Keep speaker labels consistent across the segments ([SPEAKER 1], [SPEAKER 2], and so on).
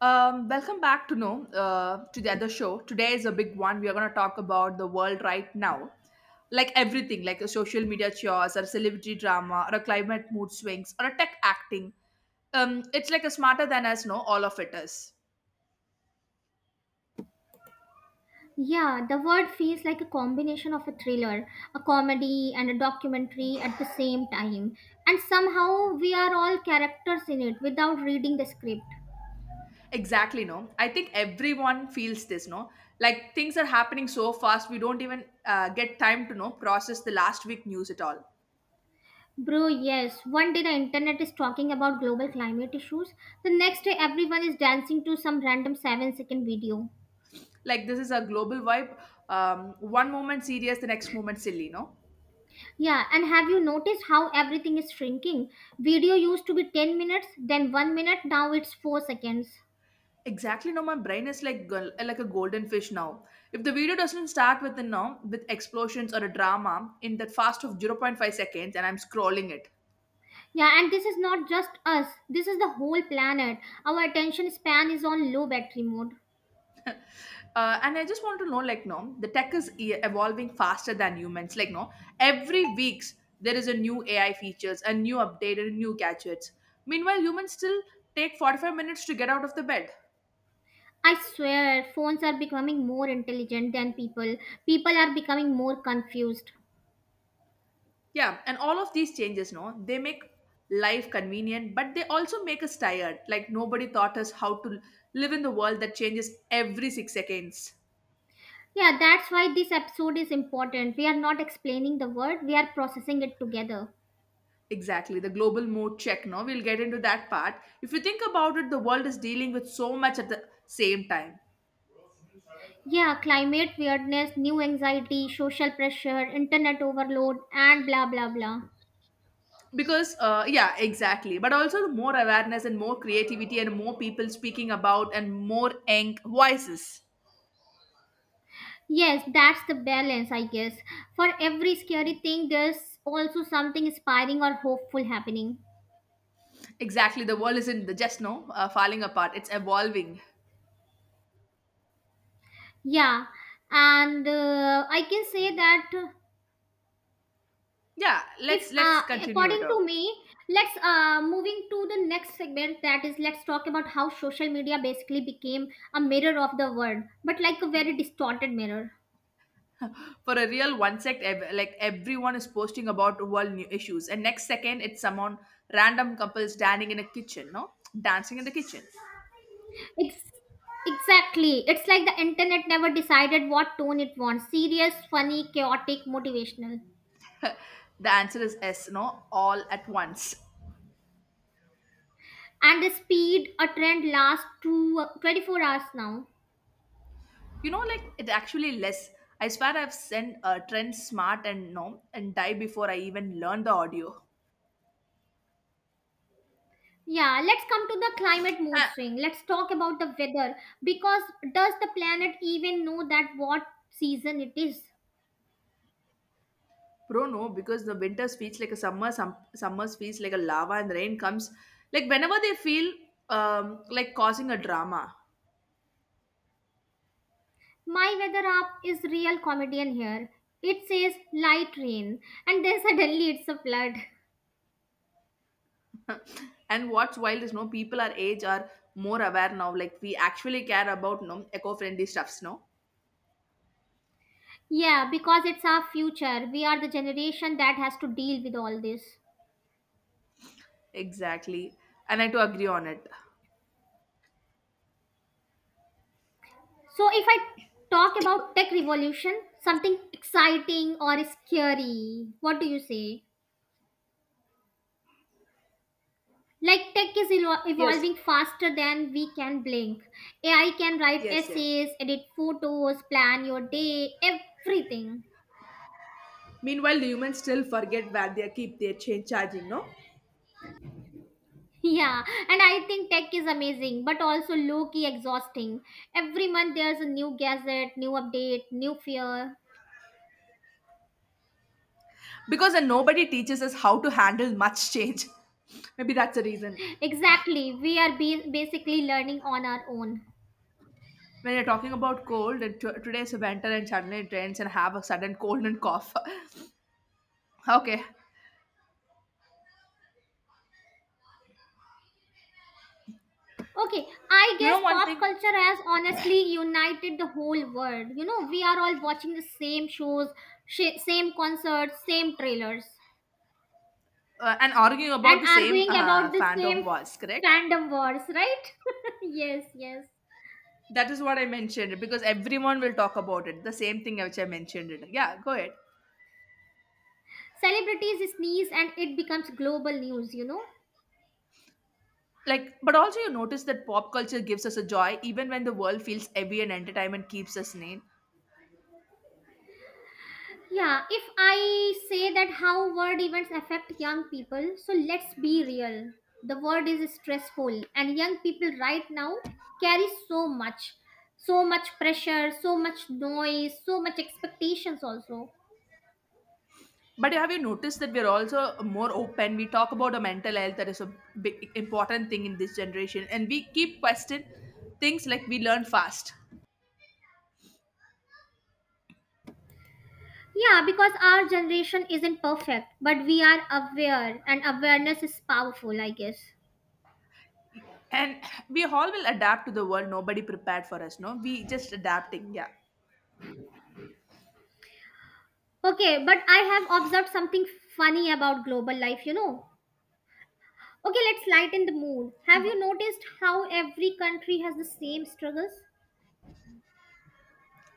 [SPEAKER 1] Welcome back to no to the other show. Today is a big one. We are going to talk about the world right now, like everything, like a social media chaos, or celebrity drama, or a climate mood swings, or a tech acting. It's like a smarter than us. No, all of it is
[SPEAKER 2] Yeah, the word feels like a combination of a thriller, a comedy, and a documentary at the same time. And somehow we are all characters in it without reading the script.
[SPEAKER 1] exactly no. I think everyone feels this. No, like things are happening so fast, we don't even get time to know process the last week news at all.
[SPEAKER 2] Bro, yes, one day the internet is talking about global climate issues, the next day everyone is dancing to some random 7-second video.
[SPEAKER 1] Like this is a global vibe. One moment serious, the next moment silly. No.
[SPEAKER 2] Yeah, and have you noticed how everything is shrinking? Video used to be 10 minutes, then 1 minute, now it's 4 seconds.
[SPEAKER 1] Exactly now, my brain is like like a golden fish now. If the video doesn't start with a now with explosions or a drama in that fast of zero point 0.5 seconds, and I'm scrolling it.
[SPEAKER 2] Yeah, and this is not just us, this is the whole planet. Our attention span is on low battery mode.
[SPEAKER 1] And I just want to know, like, no, the tech is evolving faster than humans. Like, no, every weeks there is a new AI features, a new update, and new gadgets. Meanwhile, humans still take 45 minutes to get out of the bed.
[SPEAKER 2] I swear, phones are becoming more intelligent than people. People are becoming more confused.
[SPEAKER 1] Yeah, and all of these changes, no, they make life convenient, but they also make us tired. Like nobody taught us how to live in the world that changes every 6 seconds.
[SPEAKER 2] Yeah, that's why this episode is important. We are not explaining the word, we are processing it together.
[SPEAKER 1] Exactly, the global mode check, no, we'll get into that part. If you think about it, the world is dealing with so much at the same time.
[SPEAKER 2] Yeah, climate weirdness, new anxiety, social pressure, internet overload, and blah blah blah.
[SPEAKER 1] Because, yeah, exactly. But also more awareness and more creativity and more people speaking about and more eng voices.
[SPEAKER 2] Yes, that's the balance, I guess. For every scary thing, there's also something inspiring or hopeful happening.
[SPEAKER 1] Exactly, the world isn't just no falling apart; it's evolving.
[SPEAKER 2] Yeah, and I can say that
[SPEAKER 1] Yeah,
[SPEAKER 2] if,
[SPEAKER 1] let's continue it
[SPEAKER 2] according
[SPEAKER 1] out
[SPEAKER 2] to me, let's moving to the next segment. That is, let's talk about how social media basically became a mirror of the world, but like a very distorted mirror.
[SPEAKER 1] for a real one sec like everyone is posting about world new issues and next second it's someone random couples standing in a kitchen no dancing in the kitchen.
[SPEAKER 2] It's Exactly. It's like the internet never decided what tone it wants: serious, funny, chaotic, motivational.
[SPEAKER 1] The answer is s no all at once.
[SPEAKER 2] And the speed a trend lasts two 24 hours now.
[SPEAKER 1] You know like it actually less. I swear I've sent a trend smart and no and die before I even learn the audio.
[SPEAKER 2] Yeah, let's come to the climate mood
[SPEAKER 1] Ah,
[SPEAKER 2] swing. Let's talk about the weather because does the planet even know that what season it is?
[SPEAKER 1] bro no because the winter feels like a summer, some summers feels like a lava, and rain comes like whenever they feel like causing a drama.
[SPEAKER 2] My weather app is real comedian here. It says light rain and then suddenly it's a flood.
[SPEAKER 1] And what's wild is no people our age are more aware now, like we actually care about no eco-friendly stuffs no,
[SPEAKER 2] Yeah, because it's our future. We are the generation that has to deal with all this.
[SPEAKER 1] exactly, and I do agree on it.
[SPEAKER 2] So if I talk about tech revolution, something exciting or scary, what do you say? Like tech is
[SPEAKER 1] Yes,
[SPEAKER 2] evolving faster than we can blink. AI can write
[SPEAKER 1] yes, yes.
[SPEAKER 2] essays, edit photos, plan your day, everything.
[SPEAKER 1] Meanwhile, the humans still forget where they keep their change charging, no?
[SPEAKER 2] Yeah, and I think tech is amazing but also low key exhausting. Every month there's a new gadget, new update, new fear.
[SPEAKER 1] Because then nobody teaches us how to handle much change. Maybe that's the reason
[SPEAKER 2] Exactly, we are basically learning on our own.
[SPEAKER 1] when you're talking about cold and today's winter and suddenly it rains and have a sudden cold and cough. Okay,
[SPEAKER 2] Okay, I
[SPEAKER 1] you know
[SPEAKER 2] guess
[SPEAKER 1] one
[SPEAKER 2] pop
[SPEAKER 1] thing,
[SPEAKER 2] culture has honestly united the whole world. You know, we are all watching the same shows, same concerts, same trailers,
[SPEAKER 1] and arguing about
[SPEAKER 2] and
[SPEAKER 1] the same
[SPEAKER 2] arguing about the
[SPEAKER 1] fandom
[SPEAKER 2] same
[SPEAKER 1] was correct.
[SPEAKER 2] fandom wars, right? Yes, yes.
[SPEAKER 1] That is what I mentioned because everyone will talk about it. The same thing which I mentioned it. Yeah, go ahead.
[SPEAKER 2] Celebrities sneeze and it becomes global news, you know?
[SPEAKER 1] Like, but also you notice that pop culture gives us a joy even when the world feels heavy and entertainment keeps us sane.
[SPEAKER 2] Yeah, if I say that how word events affect young people, so let's be real. The world is stressful, and young people right now carry so much so much pressure, so much noise, so much expectations also.
[SPEAKER 1] But have you noticed that we're also more open? We talk about a mental health that is a big important thing in this generation, and we keep question things like we learn fast,
[SPEAKER 2] Yeah, because our generation isn't perfect, but we are aware, and awareness is powerful, I guess.
[SPEAKER 1] and we all will adapt to the world. Nobody prepared for us, no. We just adapting, yeah.
[SPEAKER 2] Okay, but I have observed something funny about global life, you know. Okay, let's lighten the mood. Have you noticed how every country has the same struggles?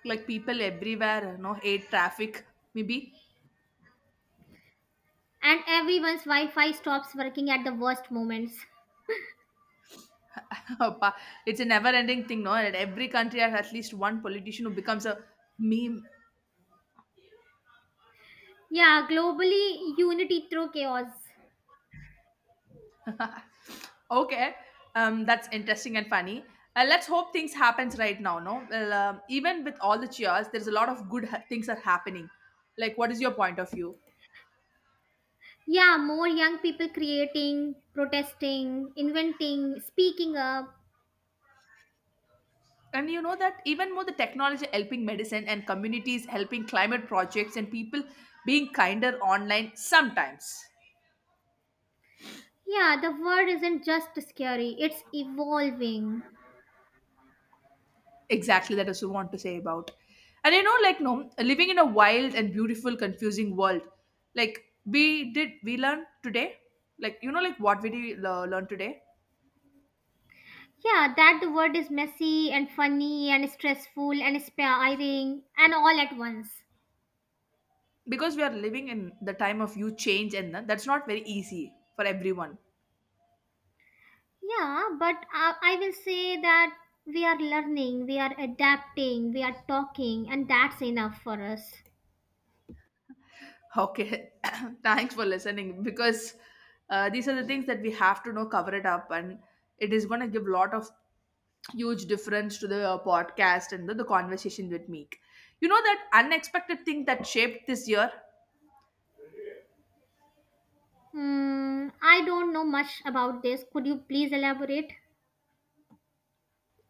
[SPEAKER 1] Like people everywhere, no hate traffic, maybe
[SPEAKER 2] And everyone's Wi Fi stops working at the worst moments.
[SPEAKER 1] Appa, it's a never ending thing, no? And every country has at least one politician who becomes a meme.
[SPEAKER 2] Yeah, globally, unity through chaos.
[SPEAKER 1] Okay, that's interesting and funny. Let's hope things happens right now, no? Well, even with all the cheers, there's a lot of good things are happening. Like, what is your point of view?
[SPEAKER 2] Yeah, more young people creating, protesting, inventing, speaking up.
[SPEAKER 1] And you know that even more the technology helping medicine and communities helping climate projects and people being kinder online sometimes.
[SPEAKER 2] Yeah, the world isn't just scary, it's evolving.
[SPEAKER 1] Exactly, that is what I want to say about. And you know, like no, living in a wild and beautiful, confusing world. Like we did, we learned today. Like you know, like what we did, learn today
[SPEAKER 2] Yeah, that the world is messy and funny and stressful and inspiring and all at once.
[SPEAKER 1] because we are living in the time of you change, and that's not very easy for everyone.
[SPEAKER 2] Yeah, but I will say that we are learning, we are adapting, we are talking, and that's enough for us.
[SPEAKER 1] Okay, thanks for listening because these are the things that we have to know, cover it up, and it is going to give lot of huge difference to the podcast and the conversation with Meek. You know that unexpected thing that shaped this year?
[SPEAKER 2] Hmm, I don't know much about this. Could you please elaborate?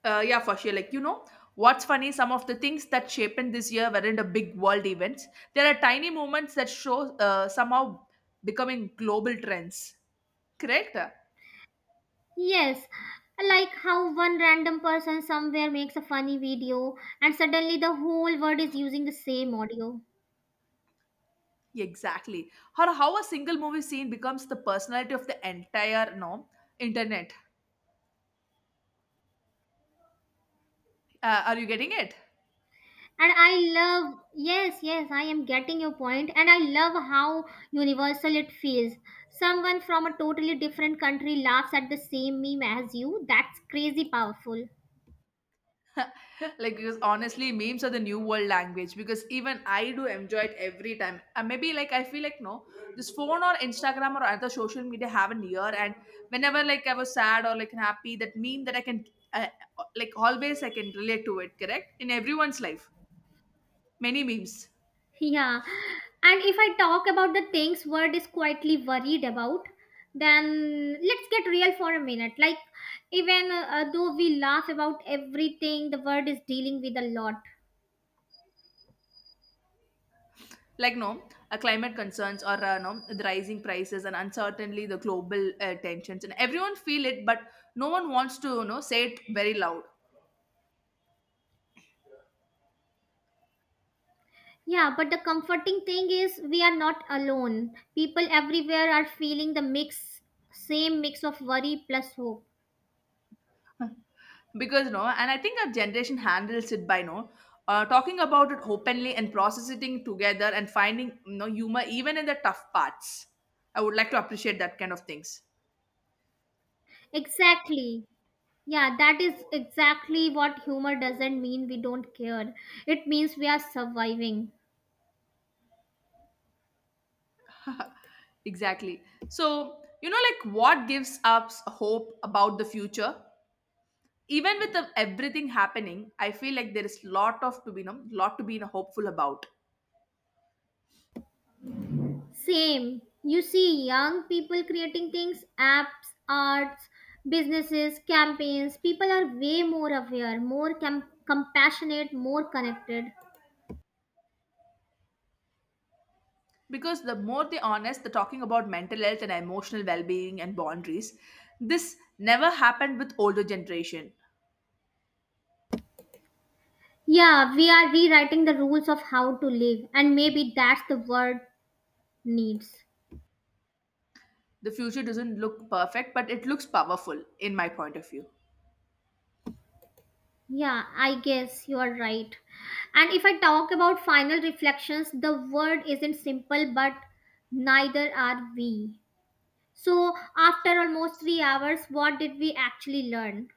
[SPEAKER 1] Yeah, for sure. Like, you know, what's funny, some of the things that shaped this year weren't the big world events. There are tiny moments that show somehow becoming global trends. Correct?
[SPEAKER 2] Yes, like how one random person somewhere makes a funny video and suddenly the whole world is using the same audio.
[SPEAKER 1] Exactly. Or how a single movie scene becomes the personality of the entire no internet. Are you getting it?
[SPEAKER 2] And I love, yes, yes, I am getting your point. And I love how universal it feels. Someone from a totally different country laughs at the same meme as you. That's crazy powerful.
[SPEAKER 1] Like because honestly, memes are the new world language. Because even I do enjoy it every time. Maybe like I feel like no, this phone or Instagram or other social media have an ear, and whenever like I was sad or like happy, that meme that I can uh, like always I can relate to it. Correct in everyone's life. Many memes.
[SPEAKER 2] Yeah. And if I talk about the things world is quietly worried about, then let's get real for a minute. Like, even though we laugh about everything, the world is dealing with a lot.
[SPEAKER 1] Like no climate concerns or no the rising prices and uncertainly the global tensions, and everyone feel it but no one wants to you know say it very loud.
[SPEAKER 2] Yeah, but the comforting thing is we are not alone. People everywhere are feeling the mix, same mix of worry plus hope.
[SPEAKER 1] Because no, and I think our generation handles it by no talking about it openly and processing together and finding you know humor even in the tough parts. I would like to appreciate that kind of things.
[SPEAKER 2] Exactly. Yeah, that is exactly what humor doesn't mean we don't care. It means we are surviving.
[SPEAKER 1] Exactly. So you know like what gives us hope about the future, even with everything happening. I feel like there is lot of to be you know, lot to be you know, hopeful about
[SPEAKER 2] Same. You see young people creating things, apps, arts, businesses, campaigns. People are way more aware, more compassionate, more connected.
[SPEAKER 1] because the more they honest the talking about mental health and emotional well-being and boundaries, this never happened with older generation.
[SPEAKER 2] Yeah, we are rewriting the rules of how to live, and maybe that's the word needs.
[SPEAKER 1] The future doesn't look perfect, but it looks powerful in my point of view.
[SPEAKER 2] Yeah, I guess you are right. And if I talk about final reflections, the word isn't simple, but neither are we. So, after almost 3 hours, what did we actually learn?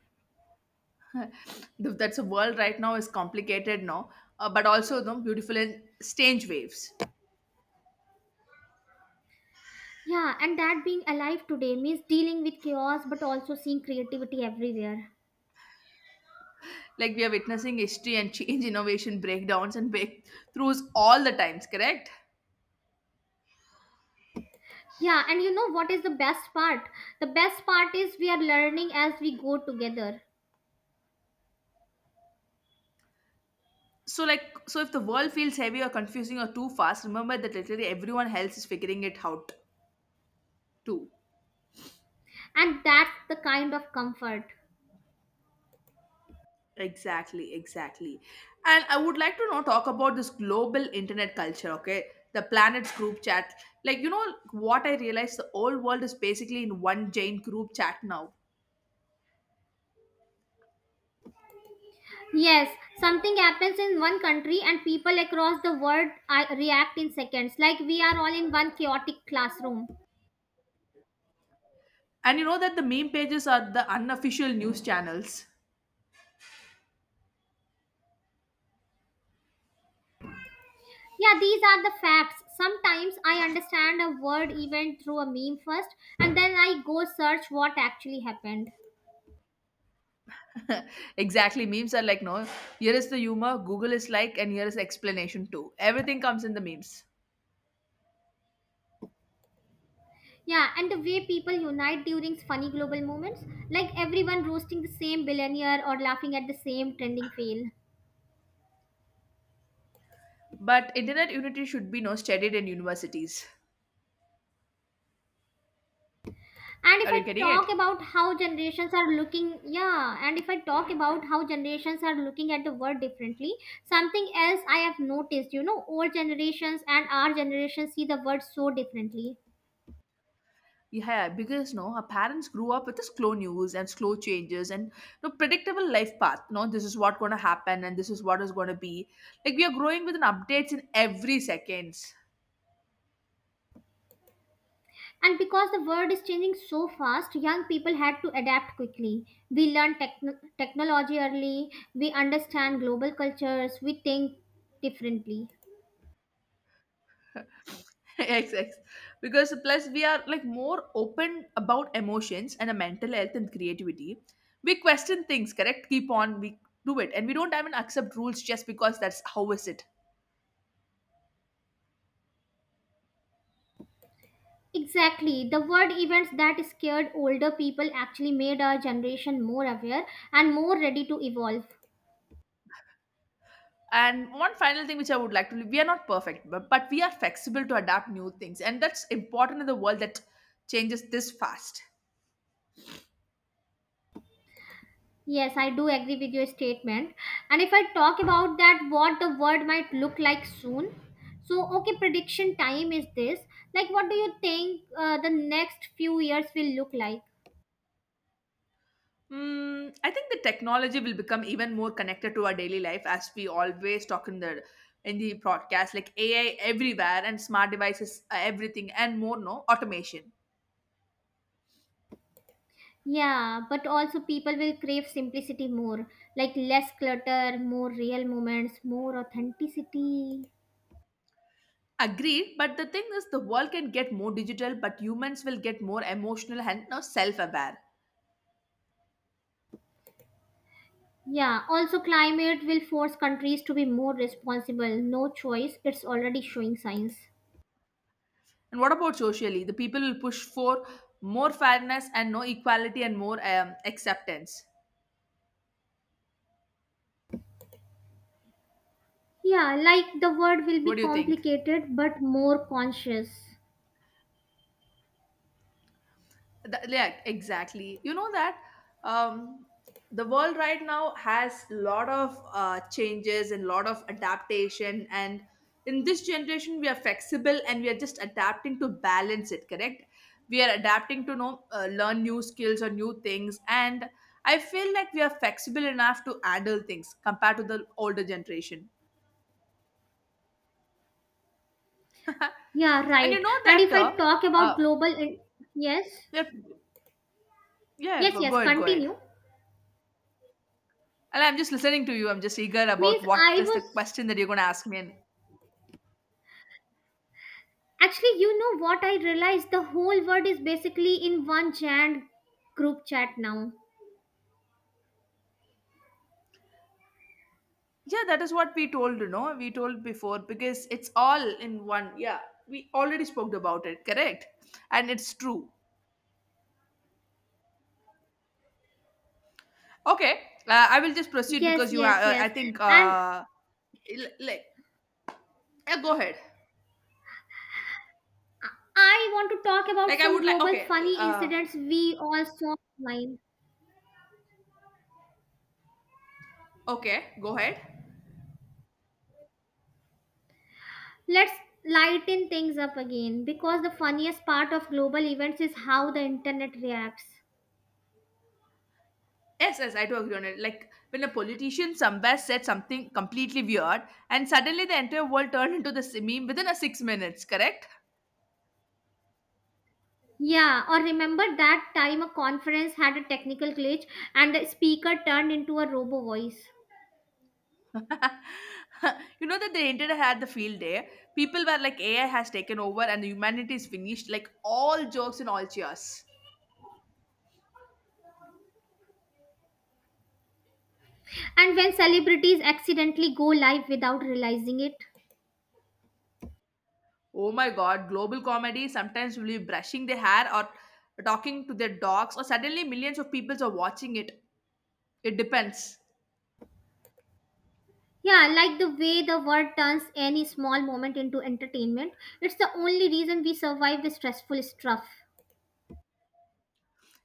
[SPEAKER 1] That's a world right now is complicated now, but also you know, beautiful in strange waves,
[SPEAKER 2] Yeah, and that being alive today means dealing with chaos but also seeing creativity everywhere.
[SPEAKER 1] like we are witnessing history and change, innovation, breakdowns, and breakthroughs all the times, correct?
[SPEAKER 2] Yeah, and you know what is the best part? The best part is we are learning as we go together,
[SPEAKER 1] So like, so if the world feels heavy or confusing or too fast, remember that literally everyone else is figuring it out too.
[SPEAKER 2] and that's the kind of comfort.
[SPEAKER 1] Exactly, exactly. And I would like to now talk about this global internet culture. Okay, the planet's group chat, like you know, what I realized, the whole world is basically in one giant group chat now.
[SPEAKER 2] Yes, something happens in one country and people across the world react in seconds, like we are all in one chaotic classroom.
[SPEAKER 1] And you know that the meme pages are the unofficial news channels.
[SPEAKER 2] Yeah, these are the facts. Sometimes I understand a word event through a meme first, and then I go search what actually happened.
[SPEAKER 1] Exactly, memes are like no, here is the humor, Google is like, and here is the explanation too, everything comes in the memes.
[SPEAKER 2] Yeah, and the way people unite during funny global moments, like everyone roasting the same billionaire or laughing at the same trending fail.
[SPEAKER 1] But internet unity should be no studied in universities.
[SPEAKER 2] And
[SPEAKER 1] Are
[SPEAKER 2] if I
[SPEAKER 1] you getting it?
[SPEAKER 2] talk about how generations are looking. Yeah, and if I talk about how generations are looking at the world differently, something else I have noticed, you know, old generations and our generation see the world so differently.
[SPEAKER 1] Yeah, because no, our parents grew up with the slow news and slow changes and no predictable life path. No, this is what gonna happen and this is what is gonna be. Like we are growing with an updates in every seconds.
[SPEAKER 2] And because the world is changing so fast, young people had to adapt quickly. We learn technology early, we understand global cultures, we think differently.
[SPEAKER 1] XX. Because plus we are like more open about emotions and a mental health and creativity. We question things, correct? Keep on, we do it, and we don't even accept rules just because that's how is it.
[SPEAKER 2] Exactly. The word events that scared older people actually made our generation more aware and more ready to evolve.
[SPEAKER 1] And one final thing which I would like to leave, we are not perfect, but we are flexible to adapt new things. And that's important in the world that changes this fast.
[SPEAKER 2] Yes, I do agree with your statement. And if I talk about that, what the world might look like soon. So, okay, prediction time is this. Like, what do you think the next few years will look like?
[SPEAKER 1] Mm, I think the technology will become even more connected to our daily life as we always talk in the broadcast, like AI everywhere and smart devices, everything and more, no automation.
[SPEAKER 2] Yeah, but also people will crave simplicity more, like less clutter, more real moments, more authenticity.
[SPEAKER 1] Agreed, but the thing is, the world can get more digital, but humans will get more emotional and self aware.
[SPEAKER 2] Yeah, also climate will force countries to be more responsible. No choice, it's already showing signs.
[SPEAKER 1] And what about socially? The people will push for more fairness and no equality and more acceptance.
[SPEAKER 2] Yeah, like the world will
[SPEAKER 1] What
[SPEAKER 2] be
[SPEAKER 1] do you think?
[SPEAKER 2] complicated but more conscious.
[SPEAKER 1] Yeah, exactly. You know that um, the world right now has lot of changes and lot of adaptation. And in this generation, we are flexible and we are just adapting to balance it. Correct? We are adapting to know learn new skills or new things. And I feel like we are flexible enough to handle things compared to the older generation.
[SPEAKER 2] Yeah,
[SPEAKER 1] And
[SPEAKER 2] right.
[SPEAKER 1] you know
[SPEAKER 2] And
[SPEAKER 1] that,
[SPEAKER 2] if I talk
[SPEAKER 1] uh,
[SPEAKER 2] about global in- yes.
[SPEAKER 1] that yeah,
[SPEAKER 2] Yes,
[SPEAKER 1] go
[SPEAKER 2] yes,
[SPEAKER 1] ahead, go ahead.
[SPEAKER 2] continue.
[SPEAKER 1] And I'm just listening to you. I'm just eager about
[SPEAKER 2] Means
[SPEAKER 1] what
[SPEAKER 2] I
[SPEAKER 1] is the
[SPEAKER 2] was
[SPEAKER 1] question that you're going to ask me. And
[SPEAKER 2] actually, you know what I realized, the whole world is basically in one giant group chat now.
[SPEAKER 1] yeah, that is what we told, you know, we told before because it's all in one. Yeah, we already spoke about it, correct? And it's true. Okay, I will just proceed
[SPEAKER 2] Yes,
[SPEAKER 1] because you
[SPEAKER 2] yes,
[SPEAKER 1] have, I
[SPEAKER 2] yes.
[SPEAKER 1] think,
[SPEAKER 2] And
[SPEAKER 1] like, yeah, go ahead.
[SPEAKER 2] I want to talk
[SPEAKER 1] Like,
[SPEAKER 2] about
[SPEAKER 1] I
[SPEAKER 2] some
[SPEAKER 1] would like,
[SPEAKER 2] global
[SPEAKER 1] okay,
[SPEAKER 2] funny
[SPEAKER 1] uh,
[SPEAKER 2] incidents we all saw online.
[SPEAKER 1] okay, go ahead.
[SPEAKER 2] Let's lighten things up again because the funniest part of global events is how the internet reacts.
[SPEAKER 1] Yes, yes, I do agree on it. Like when a politician somewhere said something completely weird, and suddenly the entire world turned into this meme within a 6 minutes. Correct?
[SPEAKER 2] Yeah, or remember that time a conference had a technical glitch and the speaker turned into a robo voice.
[SPEAKER 1] You know that the internet had the field day. People were like, AI has taken over, and the humanity is finished. Like all jokes and all cheers.
[SPEAKER 2] And when celebrities accidentally go live without realizing it.
[SPEAKER 1] Oh my God! Global comedy sometimes will be brushing their hair or talking to their dogs, or suddenly millions of people are watching it. It depends.
[SPEAKER 2] Yeah, like the way the world turns any small moment into entertainment. It's the only reason we survive the stressful stuff.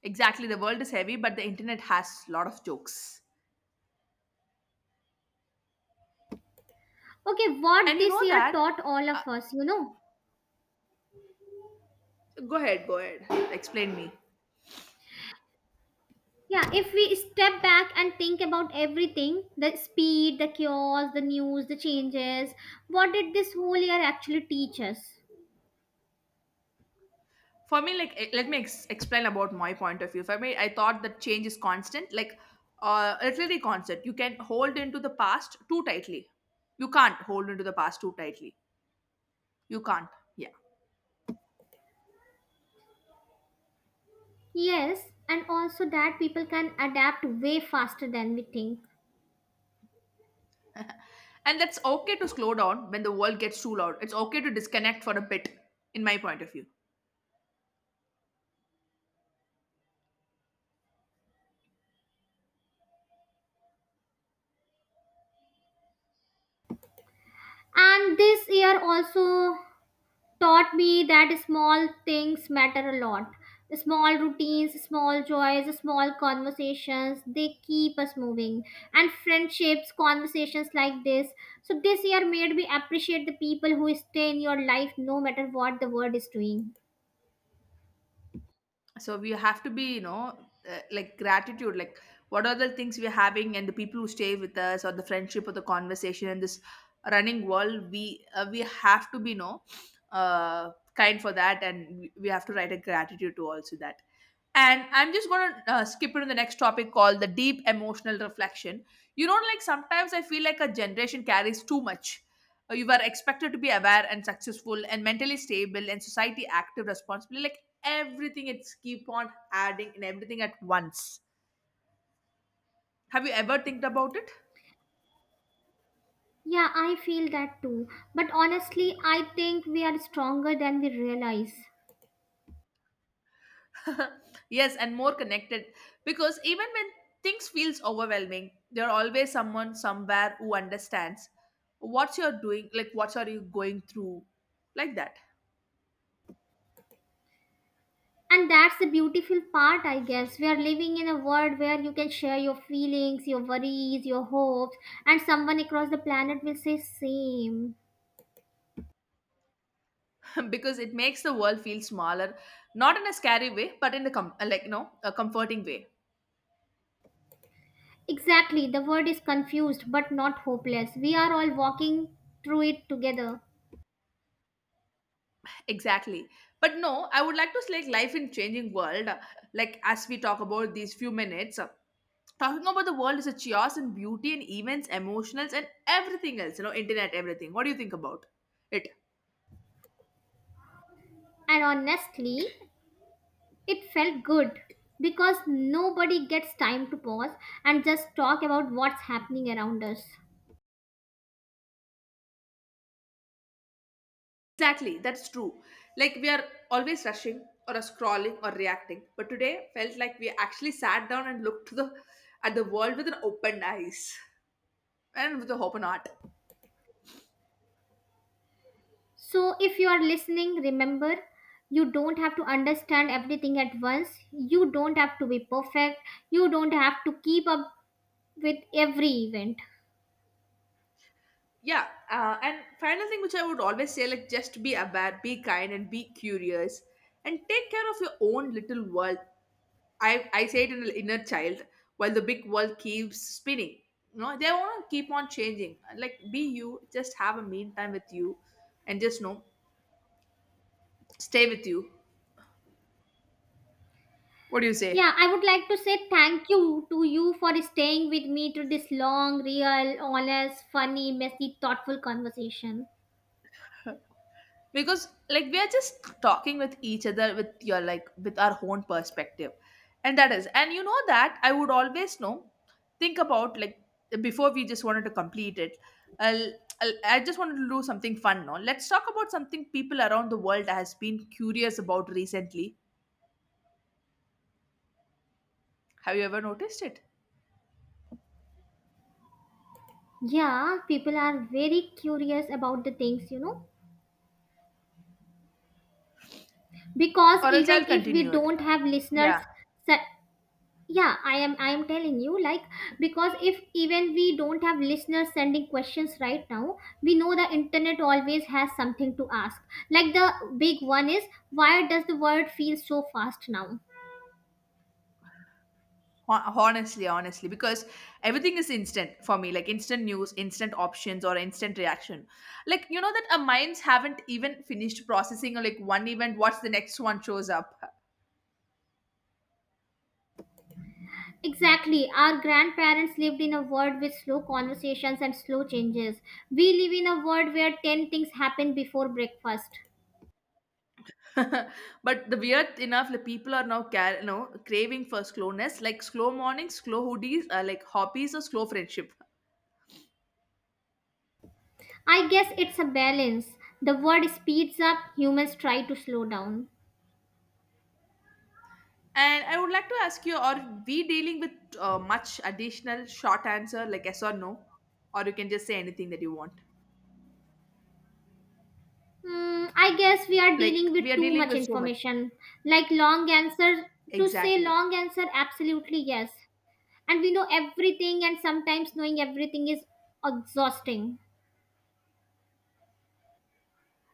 [SPEAKER 1] Exactly, the world is heavy, but the internet has lot of jokes.
[SPEAKER 2] Okay, what
[SPEAKER 1] And you
[SPEAKER 2] this
[SPEAKER 1] know
[SPEAKER 2] year
[SPEAKER 1] that?
[SPEAKER 2] taught all of us, you know?
[SPEAKER 1] Go ahead, go ahead. Explain me.
[SPEAKER 2] Yeah, if we step back and think about everything, the speed, the chaos, the news, the changes, what did this whole year actually teach us?
[SPEAKER 1] For me, like, let me explain about my point of view. For me, I thought that change is constant, like a literary. You can hold into the past too tightly. You can't hold into the past too tightly. You can't. Yeah.
[SPEAKER 2] Yes, and also that people can adapt way faster than we think.
[SPEAKER 1] And that's okay to slow down when the world gets too loud. It's okay to disconnect for a bit, in my point of view.
[SPEAKER 2] And this year also taught me that small things matter a lot. Small routines, small joys, small conversations, they keep us moving. And friendships, conversations like this. So, this year made me appreciate the people who stay in your life no matter what the world is doing.
[SPEAKER 1] So we have to be, like gratitude, like what are the things we're having and the people who stay with us or the friendship or the conversation in this running world. We we have to be, you know, kind for that, and we have to write a gratitude to also that. And I'm just going to skip into the next topic called the deep emotional reflection. You know, like sometimes I feel like a generation carries too much. You were expected to be aware and successful and mentally stable and society active responsibly, like everything it's keep on adding and everything at once. Have you ever think about it?
[SPEAKER 2] Yeah, I feel that too. But honestly, I think we are stronger than we realize.
[SPEAKER 1] Yes, and more connected, because even when things feels overwhelming, there are always someone somewhere who understands what you're doing, like what are you going through, like that.
[SPEAKER 2] And that's the beautiful part, I guess. We are living in a world where you can share your feelings, your worries, your hopes, and someone across the planet will say same.
[SPEAKER 1] Because it makes the world feel smaller, not in a scary way but in a like, you know, a comforting way.
[SPEAKER 2] Exactly, the world is confused but not hopeless. We are all walking through it together.
[SPEAKER 1] Exactly. But no, I would like to select life in changing world, like as we talk about these few minutes, talking about the world is a chaos and beauty and events emotionals and everything else, you know, internet, everything. What do you think about it?
[SPEAKER 2] And honestly, it felt good because nobody gets time to pause and just talk about what's happening around us.
[SPEAKER 1] Exactly, that's true. Like we are always rushing or scrolling or reacting, but today felt like we actually sat down and looked to the, at the world with an open eyes, and with the hope or not.
[SPEAKER 2] So, if you are listening, remember you don't have to understand everything at once. You don't have to be perfect. You don't have to keep up with every event.
[SPEAKER 1] Yeah. And final thing which I would always say, like just be aware, be kind, and be curious, and take care of your own little world. I say it in the inner child, while the big world keeps spinning. You know, they want to keep on changing. Like, be you, just have a mean time with you, and just know, stay with you. What do you say?
[SPEAKER 2] Yeah, I would like to say thank you to you for staying with me to this long, real, honest, funny, messy, thoughtful conversation.
[SPEAKER 1] Because like we are just talking with each other with your, like with our own perspective, and that is, and you know that I would always know, think about, like, before we just wanted to complete it. I'll, I just wanted to do something fun. Now let's talk about something people around the world has been curious about recently. Have you ever noticed it?
[SPEAKER 2] Yeah, people are very curious about the things, you know, because
[SPEAKER 1] Or else I'll
[SPEAKER 2] even if we
[SPEAKER 1] continue it.
[SPEAKER 2] don't have listeners,
[SPEAKER 1] Yeah.
[SPEAKER 2] su- yeah, I am telling you, like, because if even we don't have listeners sending questions right now, we know the internet always has something to ask. Like the big one is, why does the world feel so fast now?
[SPEAKER 1] Honestly, honestly, because everything is instant for me, like instant news, instant options, or instant reaction. Like, you know that our minds haven't even finished processing, or like one event, what's the next one shows up.
[SPEAKER 2] Exactly, our grandparents lived in a world with slow conversations and slow changes. We live in a world where 10 things happen before breakfast.
[SPEAKER 1] But the weird enough, like people are now you know, craving for slowness, like slow mornings, slow hoodies, like hobbies, or slow friendship.
[SPEAKER 2] I guess it's a balance. The world speeds up, humans try to slow down.
[SPEAKER 1] And I would like to ask you, are we dealing with much additional short answer, like yes or no, or you can just say anything that you want.
[SPEAKER 2] Hmm, I guess we are dealing
[SPEAKER 1] Like we
[SPEAKER 2] with
[SPEAKER 1] are
[SPEAKER 2] too
[SPEAKER 1] dealing
[SPEAKER 2] much
[SPEAKER 1] with so much.
[SPEAKER 2] information. Like long answer, to say
[SPEAKER 1] Exactly.
[SPEAKER 2] long answer, absolutely yes. And we know everything, and sometimes knowing everything is exhausting.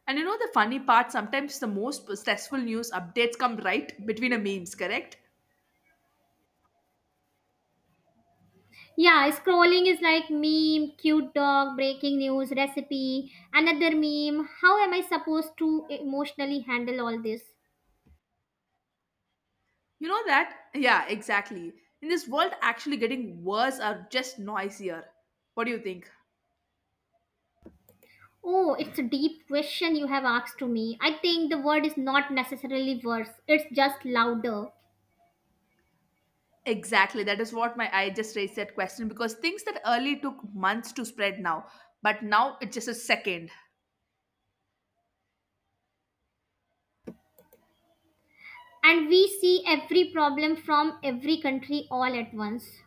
[SPEAKER 1] And you know the funny part, sometimes the most stressful news updates come right between a memes, correct?
[SPEAKER 2] Yeah, scrolling is like meme, cute dog, breaking news, recipe, another meme. How am I supposed to emotionally handle all this?
[SPEAKER 1] You know that? Yeah, exactly. In this world, actually getting worse or just noisier. What do you think?
[SPEAKER 2] Oh, it's a deep question you have asked to me. I think the word is not necessarily worse, it's just louder.
[SPEAKER 1] Exactly. That is what my, I just raised that question, because things that early took months to spread now, but now it's just a second.
[SPEAKER 2] And we see every problem from every country all at once.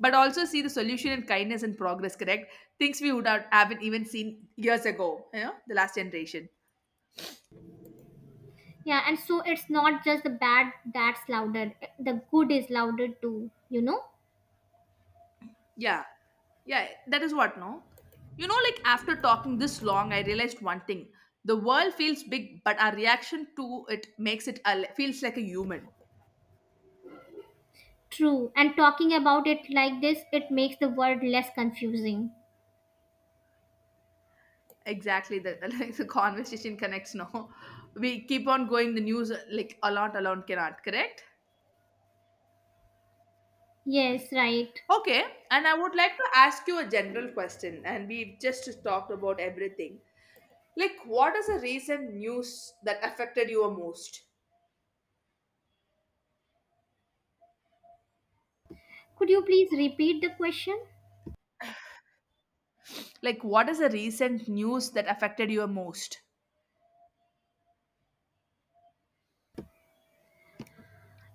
[SPEAKER 1] But also see the solution in kindness and progress, correct? Things we would have, haven't even seen years ago, you know, the last generation.
[SPEAKER 2] Yeah, and so it's not just the bad that's louder, the good is louder too, you know.
[SPEAKER 1] Yeah. Yeah, that is what, no? You know, like after talking this long, I realized one thing. The world feels big, but our reaction to it makes it a, feels like a human.
[SPEAKER 2] True, and talking about it like this, it makes the world less confusing.
[SPEAKER 1] Exactly, the like the conversation connects. No, we keep on going. The news like a lot alone cannot correct.
[SPEAKER 2] Yes, right.
[SPEAKER 1] Okay, and I would like to ask you a general question. And we've just talked about everything. Like, what is the recent news that affected you most?
[SPEAKER 2] Could you please repeat the question?
[SPEAKER 1] Like, what is the recent news that affected you most?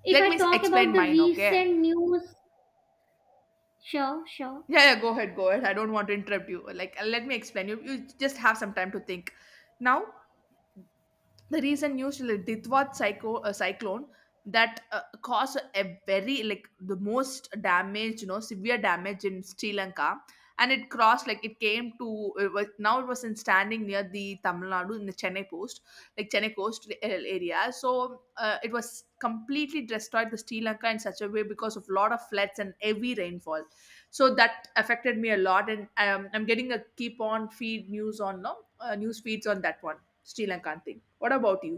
[SPEAKER 2] If
[SPEAKER 1] Let
[SPEAKER 2] I
[SPEAKER 1] me
[SPEAKER 2] talk
[SPEAKER 1] explain
[SPEAKER 2] about the
[SPEAKER 1] mine, okay.
[SPEAKER 2] recent news, sure, sure.
[SPEAKER 1] Yeah, yeah, go ahead, go ahead. I don't want to interrupt you. Like, let me explain you. You just have some time to think now. The reason usually ditwat psycho, cyclone, that caused a very, like the most damage, you know, severe damage in Sri Lanka. And it crossed, like it came to, it was, now it was in standing near the Tamil Nadu in the Chennai post, like Chennai coast area. So it was completely destroyed the Sri Lanka in such a way, because of lot of floods and heavy rainfall. So that affected me a lot, and I'm getting a keep on feed news on, no, news feeds on that one, Sri Lankan thing. What about you?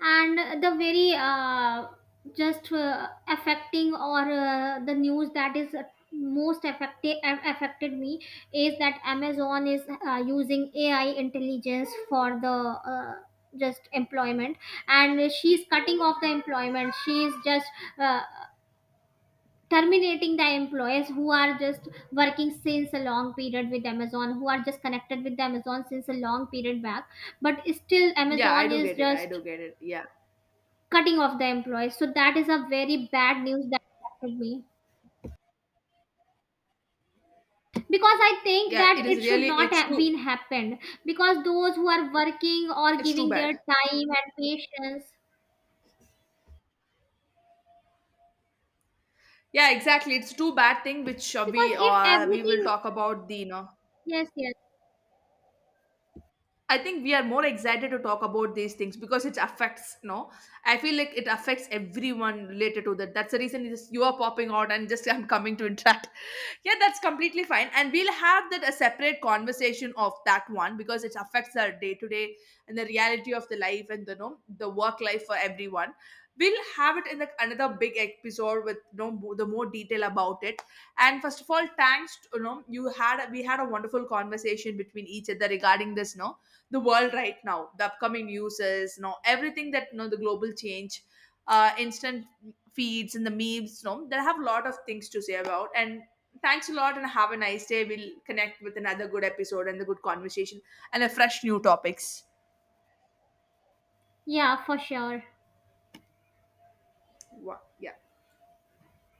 [SPEAKER 2] And the very just affecting or the news that is most affected me is that Amazon is using AI intelligence for the uh, just employment, and she's cutting off the employment. She's just uh, terminating the employees who are just working since a long period with Amazon, who are just connected with Amazon since a long period back, but still
[SPEAKER 1] Yeah, I
[SPEAKER 2] Amazon
[SPEAKER 1] do
[SPEAKER 2] is
[SPEAKER 1] get it. I
[SPEAKER 2] just
[SPEAKER 1] do get it. Yeah.
[SPEAKER 2] cutting off the employees. So that is a very bad news that affected me because I think
[SPEAKER 1] Yeah, it
[SPEAKER 2] that
[SPEAKER 1] is
[SPEAKER 2] it should
[SPEAKER 1] really,
[SPEAKER 2] not
[SPEAKER 1] it's
[SPEAKER 2] have
[SPEAKER 1] too,
[SPEAKER 2] been happened. Because those who are working or
[SPEAKER 1] it's too
[SPEAKER 2] giving their
[SPEAKER 1] bad.
[SPEAKER 2] time and patience,
[SPEAKER 1] Yeah, exactly, it's too bad thing which
[SPEAKER 2] because
[SPEAKER 1] we,
[SPEAKER 2] if
[SPEAKER 1] we will
[SPEAKER 2] everything,
[SPEAKER 1] talk about the, you know.
[SPEAKER 2] yes, yes,
[SPEAKER 1] I think we are more excited to talk about these things because it affects, no? I feel like it affects everyone related to that. That's the reason is you are popping out and just I'm coming to interact. Yeah, that's completely fine. And we'll have that a separate conversation of that one, because it affects our day to day and the reality of the life and the no the work life for everyone. We'll have it in the, another big episode with no know, the more detail about it. And first of all, thanks to, you know, you had a, we had a wonderful conversation between each other regarding this. No, the world right now, the upcoming uses, you know, everything that, you know, the global change, uh, instant feeds and the memes, you know, they have a lot of things to say about. And thanks a lot, and have a nice day. We'll connect with another good episode and the good conversation and a fresh new topics.
[SPEAKER 2] yeah, for sure.
[SPEAKER 1] Yeah.